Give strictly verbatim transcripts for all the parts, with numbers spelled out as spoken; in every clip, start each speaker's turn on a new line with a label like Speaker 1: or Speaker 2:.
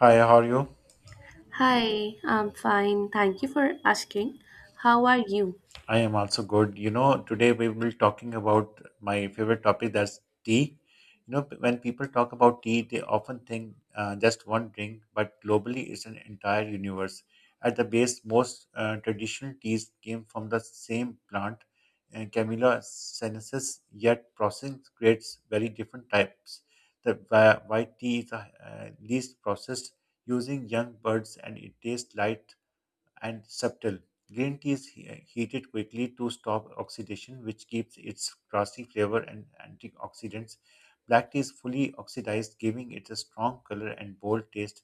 Speaker 1: Hi, how are you?
Speaker 2: Hi, I'm fine. Thank you for asking. How are you?
Speaker 1: I am also good. You know, today we will be talking about my favorite topic, that's tea. You know, when people talk about tea, they often think uh, just one drink, but globally it's an entire universe. At the base, most uh, traditional teas came from the same plant, and Camellia sinensis, yet processing creates very different types. The whi- white tea is the uh, least processed using young birds and it tastes light and subtle. Green tea is he- heated quickly to stop oxidation, which keeps its grassy flavor and antioxidants. Black tea is fully oxidized, giving it a strong color and bold taste.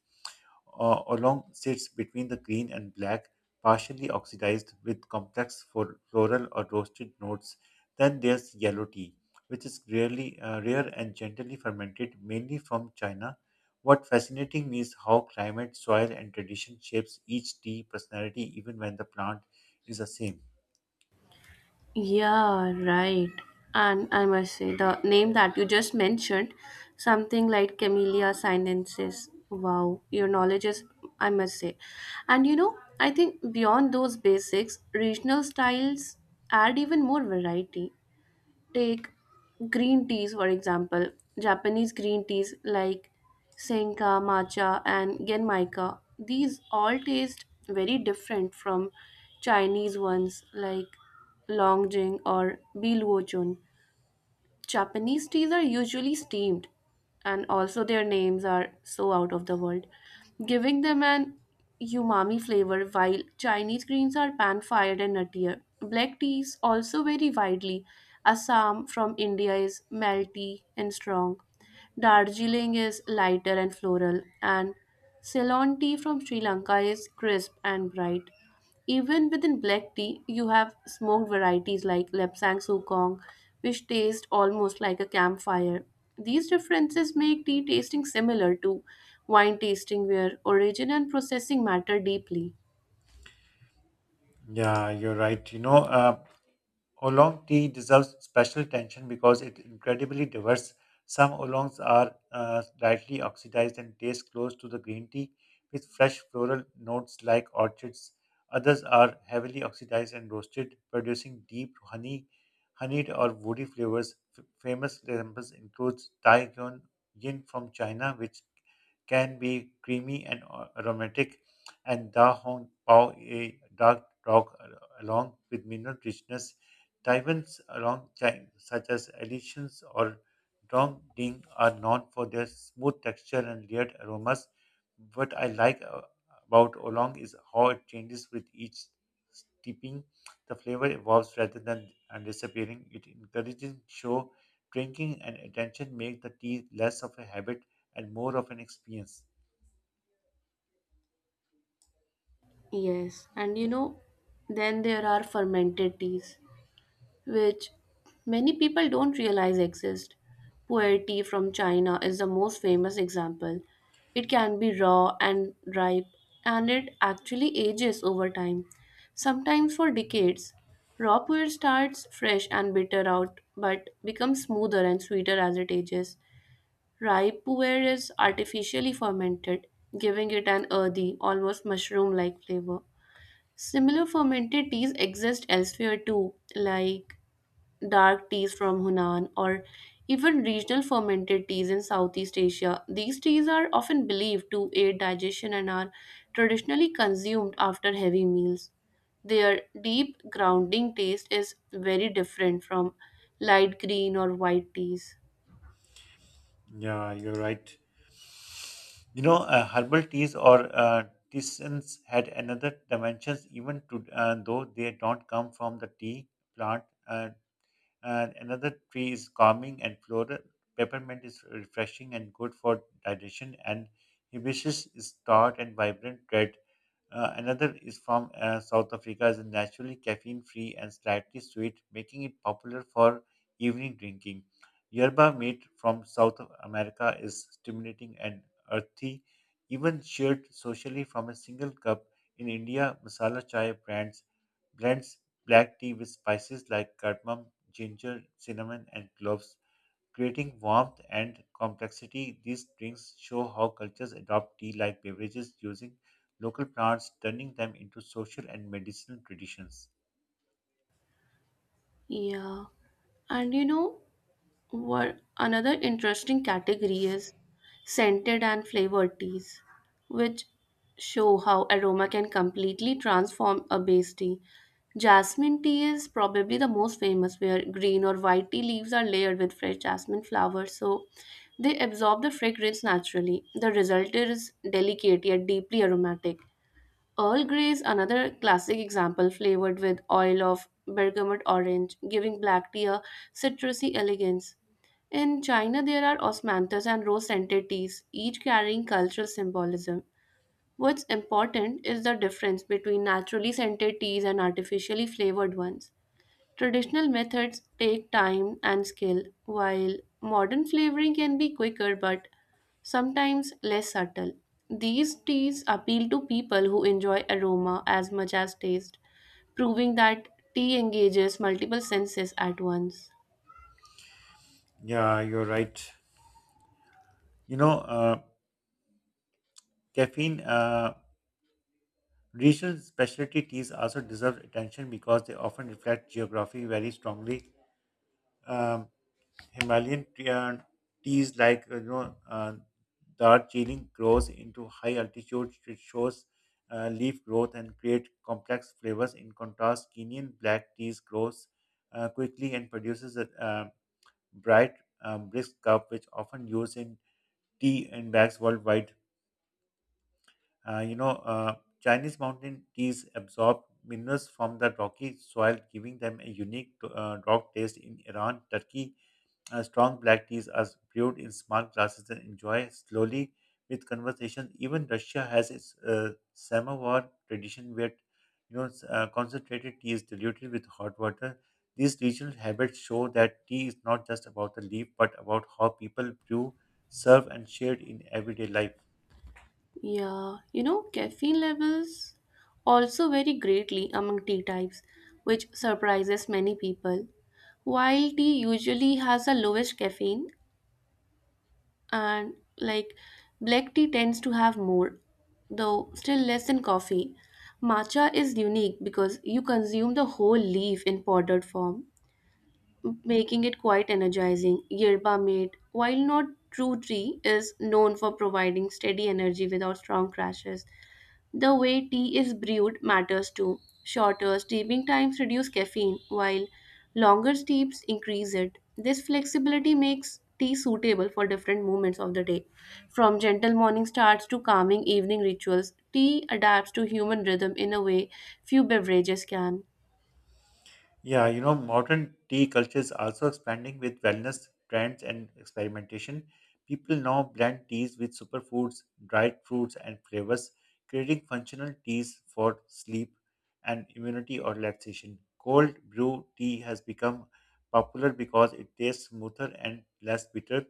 Speaker 1: uh, Oolong sits between the green and black, partially oxidized with complex fo- floral or roasted notes. Then there's yellow tea, which is rarely uh, rare and gently fermented, mainly from China. What fascinating me is how climate, soil, and tradition shapes each tea personality, even when the plant is the same.
Speaker 2: Yeah, right. And I must say, the name that you just mentioned, something like Camellia sinensis. Wow, your knowledge is, I must say. And you know, I think beyond those basics, regional styles add even more variety. Take green teas for example, Japanese green teas like senka matcha and genmaica, these all taste very different from Chinese ones like longjing or biluochun. Japanese teas are usually steamed, and also their names are so out of the world, giving them an umami flavor, while Chinese greens are pan fried and nuttier. Black teas also vary widely. Assam from India is melty and strong. Darjeeling is lighter and floral, and Ceylon tea from Sri Lanka is crisp and bright. Even within black tea, you have smoked varieties like Lepsang Sukong, which taste almost like a campfire. These differences make tea tasting similar to wine tasting, where origin and processing matter deeply.
Speaker 1: Yeah, you're right. You know, uh, Oolong tea deserves special attention because it's incredibly diverse. Some oolongs are uh, lightly oxidized and taste close to the green tea, with fresh floral notes like orchids. Others are heavily oxidized and roasted, producing deep honey, honeyed or woody flavors. F- famous examples include Tai Gyun Yin from China, which can be creamy and a- aromatic, and Da Hong Pao, a dark rock along with mineral richness. Taiwan's along China, such as additions or dong ding, are known for their smooth texture and layered aromas. What I like uh, about oolong is how it changes with each steeping. The flavor evolves rather than uh, disappearing. It encourages show drinking and attention make the tea less of a habit and more of an experience.
Speaker 2: Yes, and you know, then there are fermented teas, which many people don't realize exist. Pu'er tea from China is the most famous example. It can be raw and ripe, and it actually ages over time, sometimes for decades. Raw pu'er starts fresh and bitter out, but becomes smoother and sweeter as it ages. Ripe pu'er is artificially fermented, giving it an earthy, almost mushroom like flavor. Similar fermented teas exist elsewhere too, like dark teas from Hunan, or even regional fermented teas in Southeast Asia. These teas are often believed to aid digestion and are traditionally consumed after heavy meals. Their deep grounding taste is very different from light green or white teas.
Speaker 1: Yeah, you're right. You know, uh, herbal teas or uh, tisanes had another dimensions, even to uh, though they don't come from the tea plant. Uh, uh, another tree is calming and floral. Peppermint is refreshing and good for digestion, and hibiscus is tart and vibrant red. Uh, another is from uh, South Africa, is naturally caffeine free and slightly sweet, making it popular for evening drinking. Yerba mate from South America is stimulating and earthy, even shared socially from a single cup. In India, masala chai brands blends black tea with spices like cardamom, ginger, cinnamon, and cloves, creating warmth and complexity. These drinks show how cultures adopt tea like beverages using local plants, turning them into social and medicinal traditions.
Speaker 2: Yeah. And you know, what another interesting category is scented and flavored teas, which show how aroma can completely transform a base tea. Jasmine tea is probably the most famous, where green or white tea leaves are layered with fresh jasmine flowers, so they absorb the fragrance naturally. The result is delicate yet deeply aromatic. Earl Grey is another classic example, flavored with oil of bergamot orange, giving black tea a citrusy elegance. In China, there are osmanthus and rose scented teas, each carrying cultural symbolism. What's important is the difference between naturally scented teas and artificially flavored ones. Traditional methods take time and skill, while modern flavoring can be quicker but sometimes less subtle. These teas appeal to people who enjoy aroma as much as taste, proving that tea engages multiple senses at once.
Speaker 1: Yeah, you're right. You know, uh, Caffeine, uh, regional specialty teas also deserve attention because they often reflect geography very strongly. Um, Himalayan tea- uh, teas like uh, you know uh, Darjeeling grows into high altitude, which shows uh, leaf growth and create complex flavors. In contrast, Kenyan black teas grows uh, quickly and produces a uh, bright, um, brisk cup, which often used in tea and bags worldwide. Uh, you know, uh, Chinese mountain teas absorb minerals from the rocky soil, giving them a unique uh, rock taste in Iran, Turkey, uh, strong black teas are brewed in small glasses and enjoyed slowly with conversation. Even Russia has its uh, samovar tradition, where you know s- uh, concentrated tea is diluted with hot water. These regional habits show that tea is not just about the leaf, but about how people brew, serve, and share it in everyday life.
Speaker 2: Yeah, you know, caffeine levels also vary greatly among tea types, which surprises many people. While tea usually has the lowest caffeine, and like black tea tends to have more, though still less than coffee. Matcha is unique because you consume the whole leaf in powdered form, making it quite energizing. Yerba mate, while not true tea, is known for providing steady energy without strong crashes. The way tea is brewed matters too. Shorter steeping times reduce caffeine, while longer steeps increase it. This flexibility makes tea suitable for different moments of the day. From gentle morning starts to calming evening rituals, tea adapts to human rhythm in a way few beverages can.
Speaker 1: Yeah, you know, modern tea culture is also expanding with wellness trends and experimentation. People now blend teas with superfoods, dried fruits, and flavors, creating functional teas for sleep and immunity or relaxation. Cold brew tea has become popular because it tastes smoother and less bitter.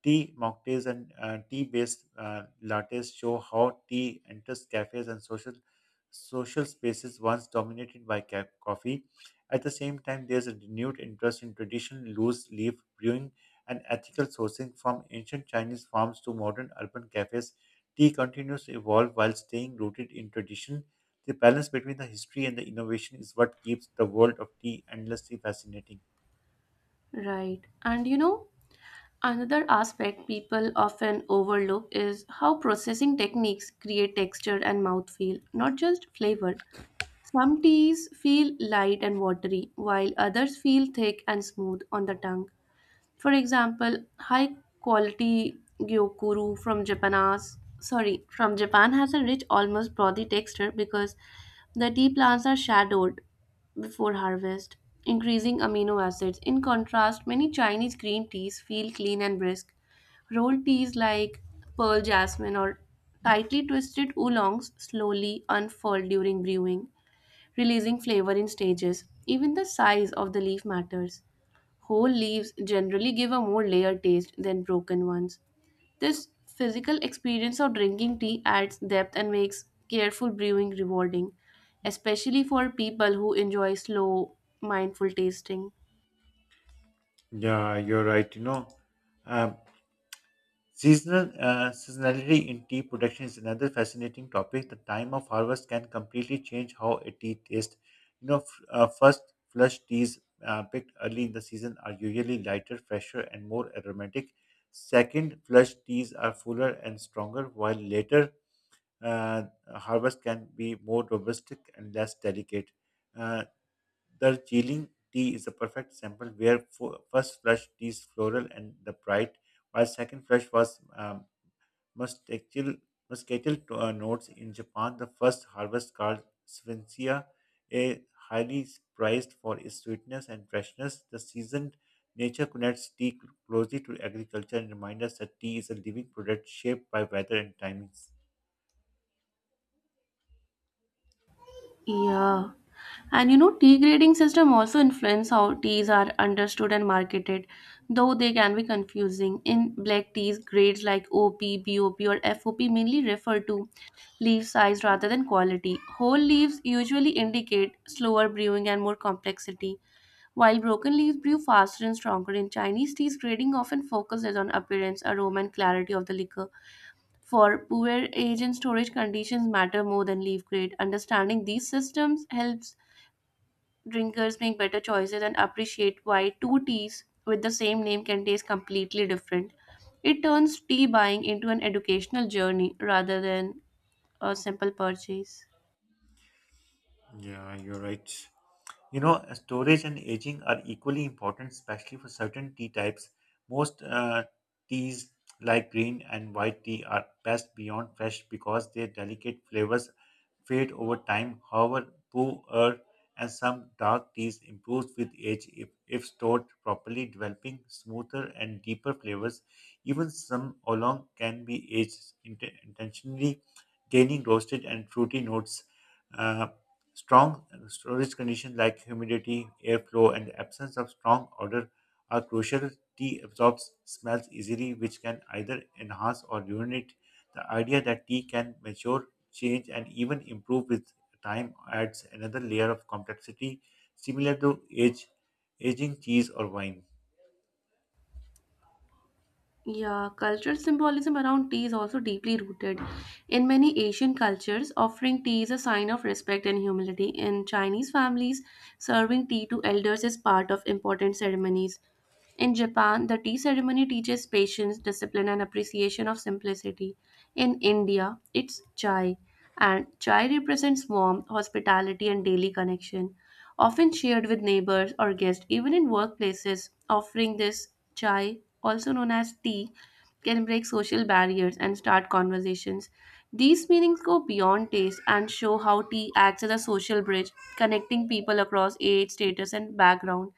Speaker 1: Tea mocktails and uh, tea-based uh, lattes show how tea enters cafes and social social spaces once dominated by ca- coffee. At the same time, there's a renewed interest in traditional loose-leaf brewing and ethical sourcing from ancient Chinese farms to modern urban cafes. Tea continues to evolve while staying rooted in tradition. The balance between the history and the innovation is what keeps the world of tea endlessly fascinating.
Speaker 2: Right. And you know, another aspect people often overlook is how processing techniques create texture and mouthfeel, not just flavor. Some teas feel light and watery, while others feel thick and smooth on the tongue. For example, high quality gyokuru from Japanese, sorry, from Japan has a rich, almost brothy texture because the tea plants are shadowed before harvest, increasing amino acids. In contrast, many Chinese green teas feel clean and brisk. Rolled teas like pearl jasmine or tightly twisted oolongs slowly unfold during brewing, releasing flavor in stages. Even the size of the leaf matters. Whole leaves generally give a more layered taste than broken ones. This physical experience of drinking tea adds depth and makes careful brewing rewarding, especially for people who enjoy slow, mindful tasting.
Speaker 1: Yeah, you're right. You know, um, Seasonal uh, seasonality in tea production is another fascinating topic. The time of harvest can completely change how a tea tastes. You know, f- uh, first flush teas uh, picked early in the season are usually lighter, fresher, and more aromatic. Second flush teas are fuller and stronger, while later uh, harvest can be more robust and less delicate. Uh, the Jilin tea is a perfect sample where fo- first flush tea is floral and the bright, while second flush was um, Muscatel, muscatel to- uh, notes in Japan, the first harvest called Svensia, a highly prized for its sweetness and freshness. The seasoned nature connects tea cl- closely to agriculture and reminds us that tea is a living product shaped by weather and timings.
Speaker 2: Yeah. And you know, tea grading system also influence how teas are understood and marketed, though they can be confusing. In black teas, grades like O P, B O P, or F O P mainly refer to leaf size rather than quality. Whole leaves usually indicate slower brewing and more complexity, while broken leaves brew faster and stronger. In Chinese teas, grading often focuses on appearance, aroma, and clarity of the liquor. For poor age and storage conditions matter more than leaf grade. Understanding these systems helps drinkers make better choices and appreciate why two teas with the same name can taste completely different. It turns tea buying into an educational journey rather than a simple purchase.
Speaker 1: Yeah, you're right. You know, storage and aging are equally important, especially for certain tea types. Most uh, teas like green and white tea are best beyond fresh because their delicate flavors fade over time. However, blue earth and some dark teas improve with age if, if stored properly, developing smoother and deeper flavors. Even some oolong can be aged int- intentionally, gaining roasted and fruity notes. Uh, Strong storage conditions like humidity, airflow, and the absence of strong odor are crucial. Tea absorbs smells easily, which can either enhance or ruin it. The idea that tea can mature, change, and even improve with time adds another layer of complexity, similar to age, aging cheese or wine.
Speaker 2: Yeah, cultural symbolism around tea is also deeply rooted in many Asian cultures. Offering tea is a sign of respect and humility. In Chinese families, serving tea to elders is part of important ceremonies. In Japan, the tea ceremony teaches patience, discipline, and appreciation of simplicity. In India, it's chai, and chai represents warmth, hospitality, and daily connection. Often shared with neighbors or guests, even in workplaces, offering this chai, also known as tea, can break social barriers and start conversations. These meanings go beyond taste and show how tea acts as a social bridge, connecting people across age, status, and background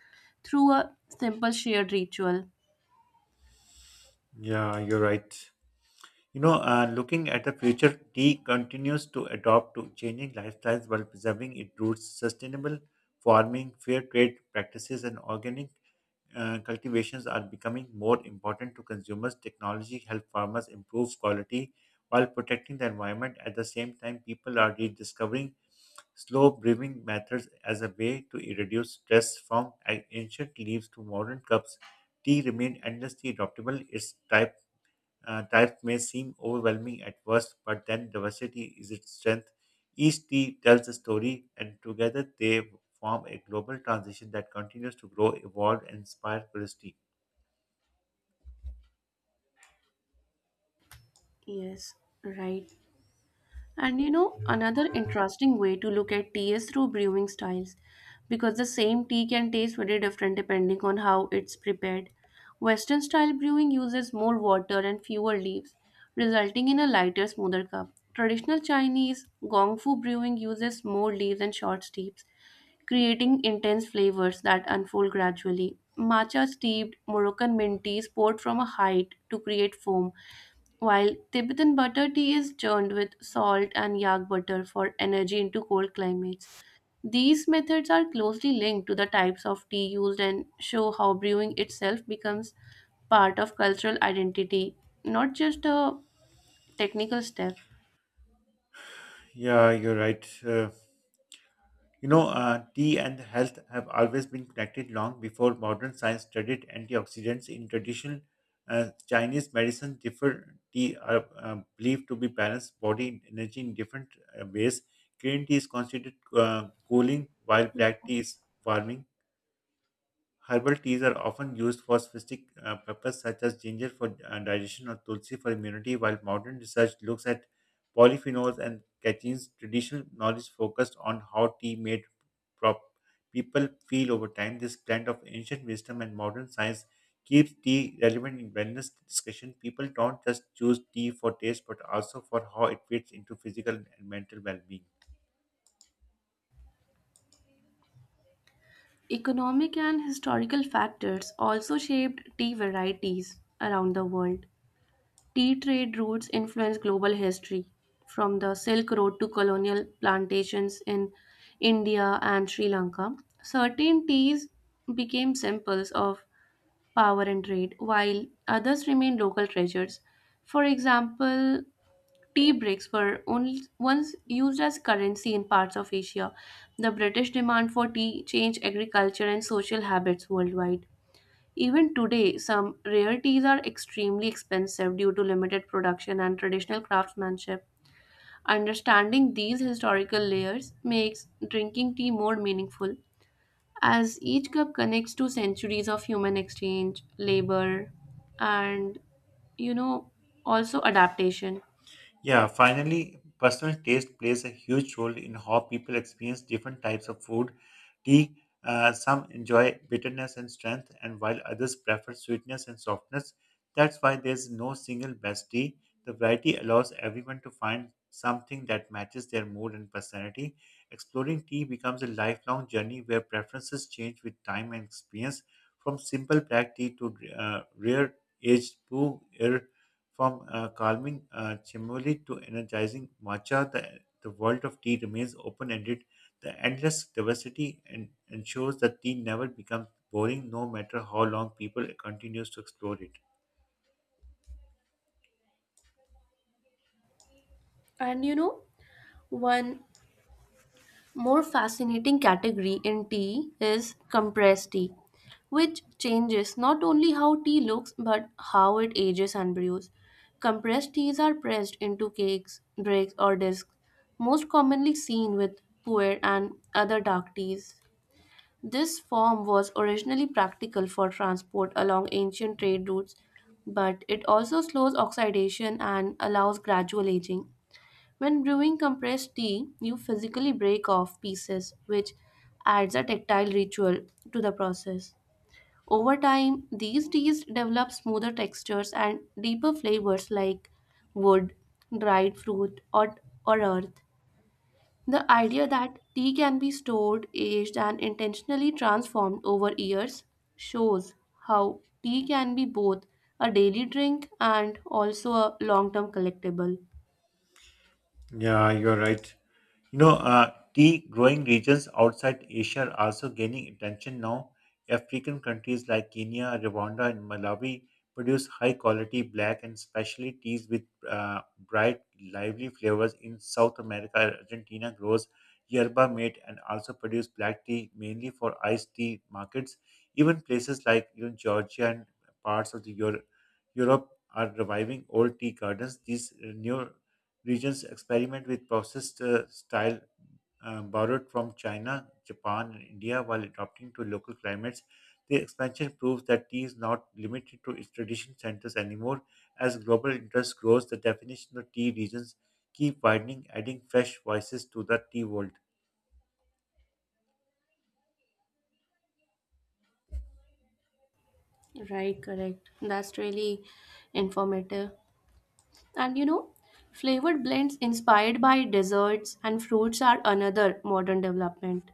Speaker 2: through a simple shared ritual.
Speaker 1: Yeah, you're right. You know, uh, looking at the future, tea continues to adopt to changing lifestyles while preserving its roots, sustainable farming, fair trade practices, and organic uh, cultivations are becoming more important to consumers. Technology helps farmers improve quality while protecting the environment. At the same time, people are rediscovering slow brewing methods as a way to reduce stress from ancient leaves to modern cups. Tea remained endlessly adaptable. Its type uh, types may seem overwhelming at first, but then diversity is its strength. Each tea tells a story, and together they form a global transition that continues to grow, evolve, and inspire curiosity.
Speaker 2: Yes, right. And you know, another interesting way to look at tea is through brewing styles, because the same tea can taste very different depending on how it's prepared. Western style brewing uses more water and fewer leaves, resulting in a lighter, smoother cup. Traditional Chinese Gongfu brewing uses more leaves and short steeps, creating intense flavors that unfold gradually. Matcha steeped Moroccan mint tea is poured from a height to create foam, while Tibetan butter tea is churned with salt and yak butter for energy into cold climates. These methods are closely linked to the types of tea used and show how brewing itself becomes part of cultural identity, not just a technical step.
Speaker 1: Yeah, you're right. Uh, You know, uh, tea and health have always been connected long before modern science studied antioxidants. In traditional uh, Chinese medicine, different tea are uh, believed to be balanced body and energy in different uh, ways. Green tea is considered uh, cooling, while black tea is warming. Herbal teas are often used for specific uh, purpose such as ginger for uh, digestion or tulsi for immunity, while modern research looks at polyphenols and catechenes. Traditional knowledge focused on how tea made prop people feel over time. This blend of ancient wisdom and modern science keeps tea relevant in wellness discussion. People don't just choose tea for taste, but also for how it fits into physical and mental well-being.
Speaker 2: Economic and historical factors also shaped tea varieties around the world. Tea trade routes influenced global history, from the Silk Road to colonial plantations in India and Sri Lanka. Certain teas became symbols of power and trade, while others remained local treasures. For example, tea bricks were only once used as currency in parts of Asia. The British demand for tea changed agriculture and social habits worldwide. Even today, some rarities are extremely expensive due to limited production and traditional craftsmanship. Understanding these historical layers makes drinking tea more meaningful, as each cup connects to centuries of human exchange, labor, and you know, also adaptation.
Speaker 1: Yeah, finally, personal taste plays a huge role in how people experience different types of food. Tea, uh, some enjoy bitterness and strength, and while others prefer sweetness and softness. That's why there's no single best tea. The variety allows everyone to find something that matches their mood and personality. Exploring tea becomes a lifelong journey where preferences change with time and experience, from simple black tea to uh, rare aged brew from uh, calming uh, chamomile to energizing matcha, the, the world of tea remains open ended. The endless diversity and ensures that tea never becomes boring, no matter how long people continues to explore it.
Speaker 2: And you know, one more fascinating category in tea is compressed tea, which changes not only how tea looks but how it ages and brews. Compressed teas are pressed into cakes, drinks, or discs, most commonly seen with pu'er and other dark teas. This form was originally practical for transport along ancient trade routes, but it also slows oxidation and allows gradual aging. When brewing compressed tea, you physically break off pieces, which adds a tactile ritual to the process. Over time, these teas develop smoother textures and deeper flavors like wood, dried fruit, or, or earth. The idea that tea can be stored, aged, and intentionally transformed over years shows how tea can be both a daily drink and also a long term collectible.
Speaker 1: Yeah, you're right. You know, uh, tea growing regions outside Asia are also gaining attention now. African countries like Kenya, Rwanda, and Malawi produce high quality black and specialty teas with uh, bright, lively flavors. In South America, Argentina grows yerba mate and also produce black tea mainly for iced tea markets. Even places like you know, Georgia and parts of the Euro- Europe are reviving old tea gardens. These uh, new regions experiment with processed uh, style uh, borrowed from China, Japan, and India while adapting to local climates. The expansion proves that tea is not limited to its tradition centers anymore. As global interest grows, the definition of tea regions keep widening, adding fresh voices to the tea world.
Speaker 2: Right, correct. That's really informative. And you know, flavored blends inspired by desserts and fruits are another modern development.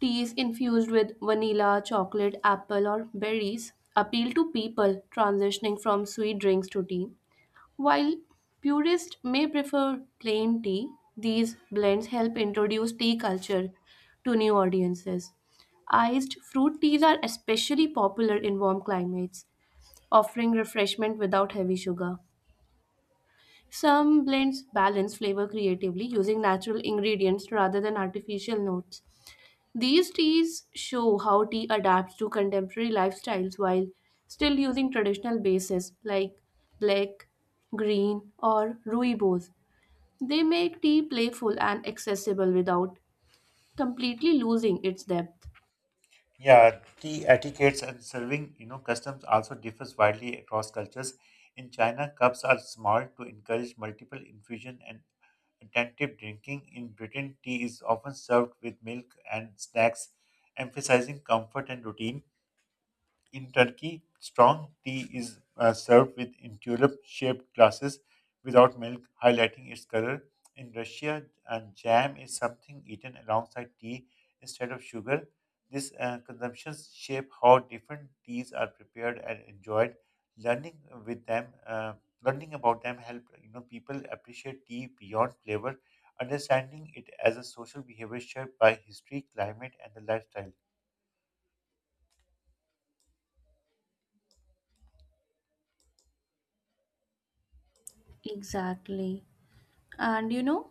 Speaker 2: Teas infused with vanilla, chocolate, apple, or berries appeal to people transitioning from sweet drinks to tea. While purists may prefer plain tea, these blends help introduce tea culture to new audiences. Iced fruit teas are especially popular in warm climates, offering refreshment without heavy sugar. Some blends balance flavor creatively using natural ingredients rather than artificial notes. These teas show how tea adapts to contemporary lifestyles while still using traditional bases like black, green, or rooibos. They make tea playful and accessible without completely losing its depth.
Speaker 1: Yeah, tea etiquettes and serving, you know, customs also differs widely across cultures. In China, cups are small to encourage multiple infusion and attentive drinking. In Britain, tea is often served with milk and snacks, emphasizing comfort and routine. In Turkey, strong tea is uh, served with in tulip-shaped glasses without milk, highlighting its color. In Russia, and jam is something eaten alongside tea instead of sugar. These uh, consumptions shape how different teas are prepared and enjoyed. Learning with them, uh, Learning about them, help you know people appreciate tea beyond flavor, understanding it as a social behavior shaped by history, climate, and the lifestyle.
Speaker 2: Exactly. And you know,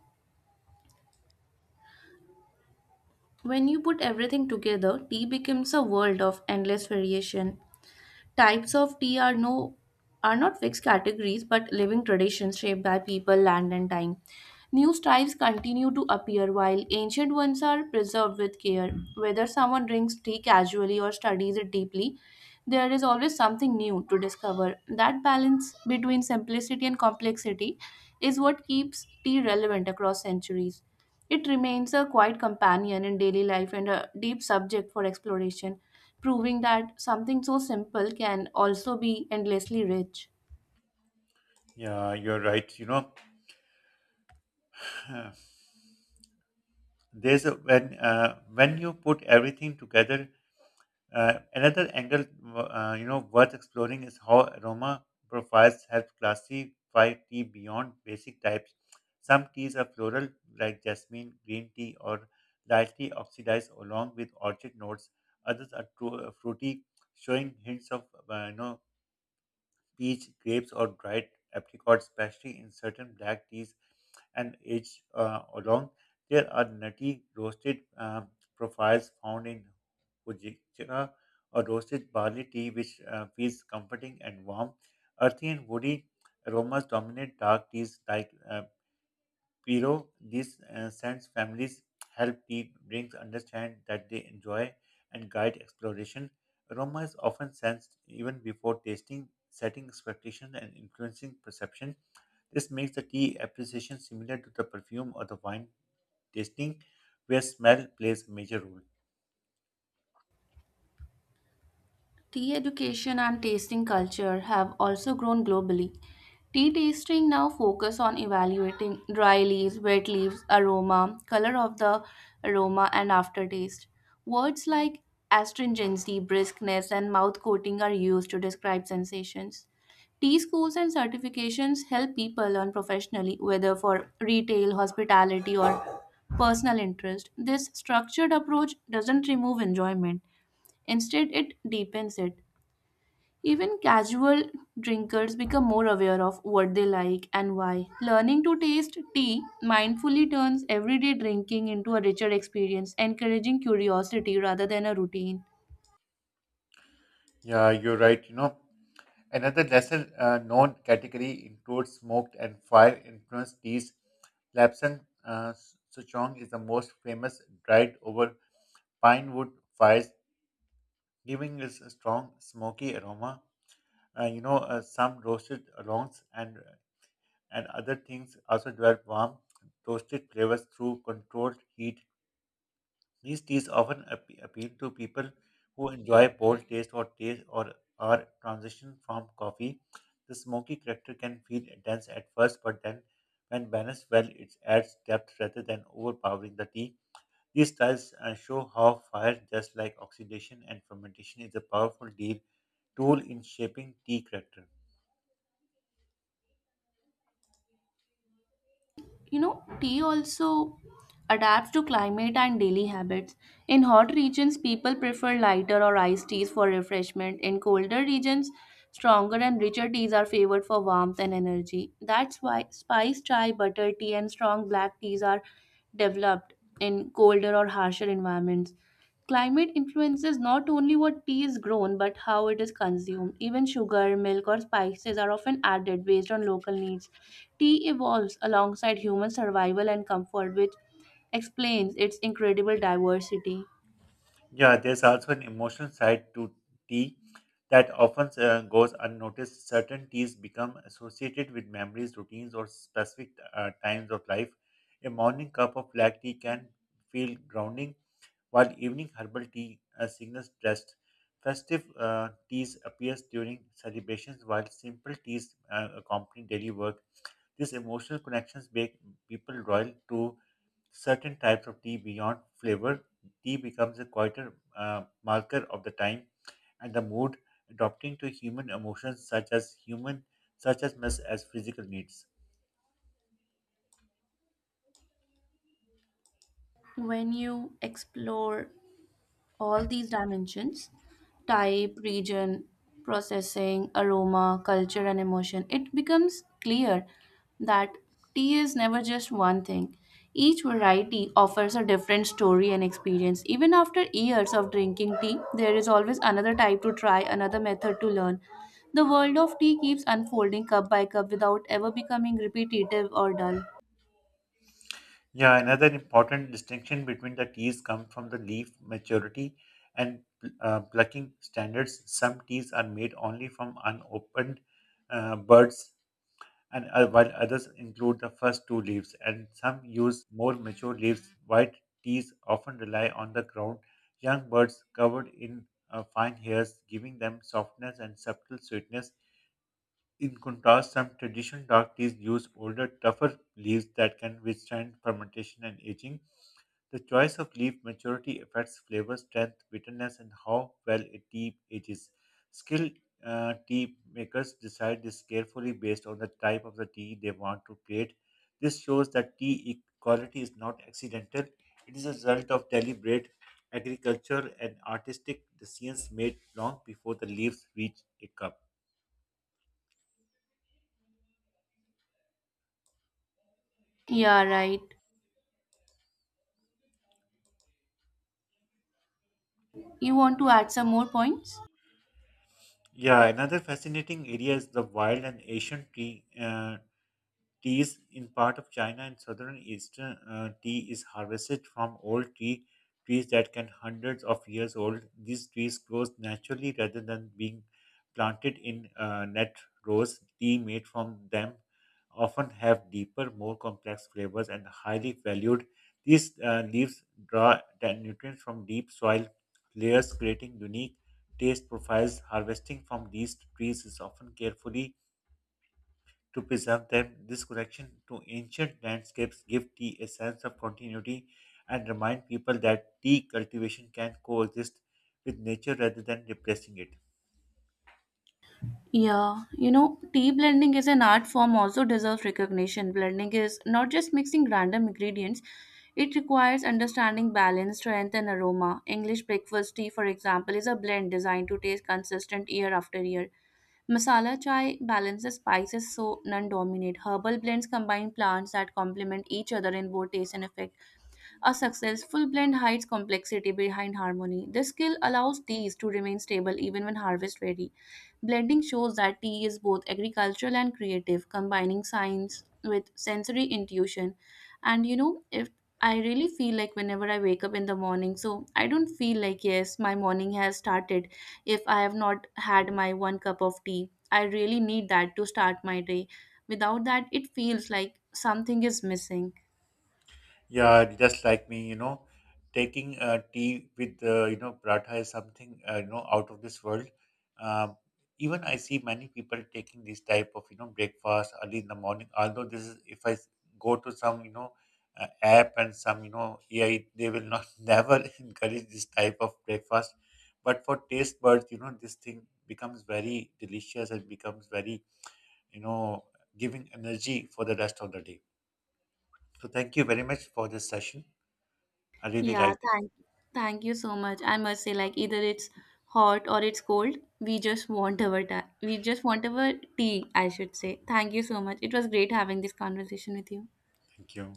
Speaker 2: when you put everything together, tea becomes a world of endless variation. Types of tea are no are not fixed categories but living traditions shaped by people, land and time. New styles continue to appear while ancient ones are preserved with care. Whether someone drinks tea casually or studies it deeply, there is always something new to discover. That balance between simplicity and complexity is what keeps tea relevant across centuries. It remains a quiet companion in daily life and a deep subject for exploration, proving that something so simple can also be endlessly rich.
Speaker 1: Yeah, you're right. You know, there's a when uh, when you put everything together uh, another angle uh, you know worth exploring is how aroma profiles help classify tea beyond basic types. Some teas are floral, like jasmine green tea, or lightly oxidized along with orchid notes. Others are tru- fruity, showing hints of uh, you know peach, grapes, or dried apricots, especially in certain black teas and aged uh, along. There are nutty roasted um, profiles found in hojicha or roasted barley tea, which uh, feels comforting and warm. Earthy and woody aromas dominate dark teas like uh, Piro. These uh, sense families help pe- beings understand that they enjoy and guide exploration. Aroma is often sensed even before tasting, setting expectations and influencing perception. This makes the tea appreciation similar to the perfume or the wine tasting, where smell plays a major role.
Speaker 2: Tea education and tasting culture have also grown globally. Tea tasting now focus on evaluating dry leaves, wet leaves, aroma, color of the aroma and aftertaste. Words like astringency, briskness and mouth coating are used to describe sensations. Tea schools and certifications help people learn professionally whether for retail, hospitality or personal interest. This structured approach doesn't remove enjoyment. Instead, it deepens it. Even casual drinkers become more aware of what they like and why. Learning to taste tea mindfully turns everyday drinking into a richer experience, encouraging curiosity rather than a routine.
Speaker 1: Yeah, you're right. You know, another lesser uh, known category includes smoked and fire influenced teas. Lapsang uh, Souchong is the most famous, dried over pine wood fires, giving us a strong smoky aroma. Uh, you know, uh, some roasted longs and and other things also develop warm, toasted flavors through controlled heat. These teas often appe- appeal to people who enjoy bold taste or taste or are transition from coffee. The smoky character can feel intense at first, but then, when balanced well, it adds depth rather than overpowering the tea. These styles uh, show how fire, just like oxidation and fermentation, is a powerful deal, tool in shaping tea character.
Speaker 2: You know, tea also adapts to climate and daily habits. In hot regions, people prefer lighter or iced teas for refreshment. In colder regions, stronger and richer teas are favored for warmth and energy. That's why spice chai, butter tea, and strong black teas are developed in colder or harsher environments. Climate influences not only what tea is grown but how it is consumed. Even sugar, milk, or spices are often added based on local needs. Tea evolves alongside human survival and comfort, which explains its incredible diversity.
Speaker 1: Yeah, there's also an emotional side to tea that often uh, goes unnoticed. Certain teas become associated with memories, routines, or specific uh, times of life. A morning cup of black tea can feel grounding, while evening herbal tea uh, signals rest. Festive uh, teas appears during celebrations, while simple teas uh, accompany daily work. These emotional connections make people loyal to certain types of tea beyond flavor. Tea becomes a quieter uh, marker of the time and the mood, adapting to human emotions such as human, such as much as physical needs.
Speaker 2: When you explore all these dimensions, type, region, processing, aroma, culture, and emotion, it becomes clear that tea is never just one thing. Each variety offers a different story and experience. Even after years of drinking tea, there is always another type to try, another method to learn. The world of tea keeps unfolding cup by cup without ever becoming repetitive or dull.
Speaker 1: Yeah, another important distinction between the teas come from the leaf maturity and uh, plucking standards. Some teas are made only from unopened uh, buds and uh, while others include the first two leaves, and some use more mature leaves. White teas often rely on the ground, young birds covered in uh, fine hairs, giving them softness and subtle sweetness. In contrast, some traditional dark teas use older, tougher leaves that can withstand fermentation and aging. The choice of leaf maturity affects flavor, strength, bitterness, and how well a tea ages. Skilled uh, tea makers decide this carefully based on the type of the tea they want to create. This shows that tea e- quality is not accidental, it is a result of deliberate agriculture and artistic decisions made long before the leaves reach a cup.
Speaker 2: Yeah, right. You want to add some more points?
Speaker 1: Yeah, another fascinating area is the wild and Asian tea. uh, Teas in part of China and southern eastern uh, tea is harvested from old tea trees that can hundreds of years old. These trees grow naturally rather than being planted in uh, net rows. Tea made from them often have deeper, more complex flavors and highly valued. These uh, leaves draw the nutrients from deep soil layers, creating unique taste profiles. Harvesting from these trees is often carefully to preserve them. This connection to ancient landscapes give tea a sense of continuity and remind people that tea cultivation can coexist with nature rather than replacing it.
Speaker 2: Yeah, you know, tea blending is an art form also deserves recognition. Blending is not just mixing random ingredients, it requires understanding balance, strength, and aroma. English breakfast tea, for example, is a blend designed to taste consistent year after year. Masala chai balances spices so none dominate. Herbal blends combine plants that complement each other in both taste and effect. A successful blend hides complexity behind harmony. This skill allows teas to remain stable even when harvests vary. Blending shows that tea is both agricultural and creative, combining science with sensory intuition. And you know, if I really feel like whenever I wake up in the morning, so I don't feel like, yes, my morning has started if I have not had my one cup of tea. I really need that to start my day. Without that, it feels like something is missing.
Speaker 1: Yeah, just like me, you know, taking uh, tea with uh, you know paratha is something uh, you know out of this world. Um, Even I see many people taking this type of you know breakfast early in the morning. Although this is if I s- go to some you know uh, app and some you know A I, they will not never encourage this type of breakfast. But for taste buds, you know, this thing becomes very delicious and becomes very you know giving energy for the rest of the day. So thank you very much for this session. I really
Speaker 2: Yeah,
Speaker 1: like this.
Speaker 2: thank thank you so much. I must say, like either it's hot or it's cold, we just want our ta- we just want our tea, I should say. Thank you so much. It was great having this conversation with you.
Speaker 1: Thank you.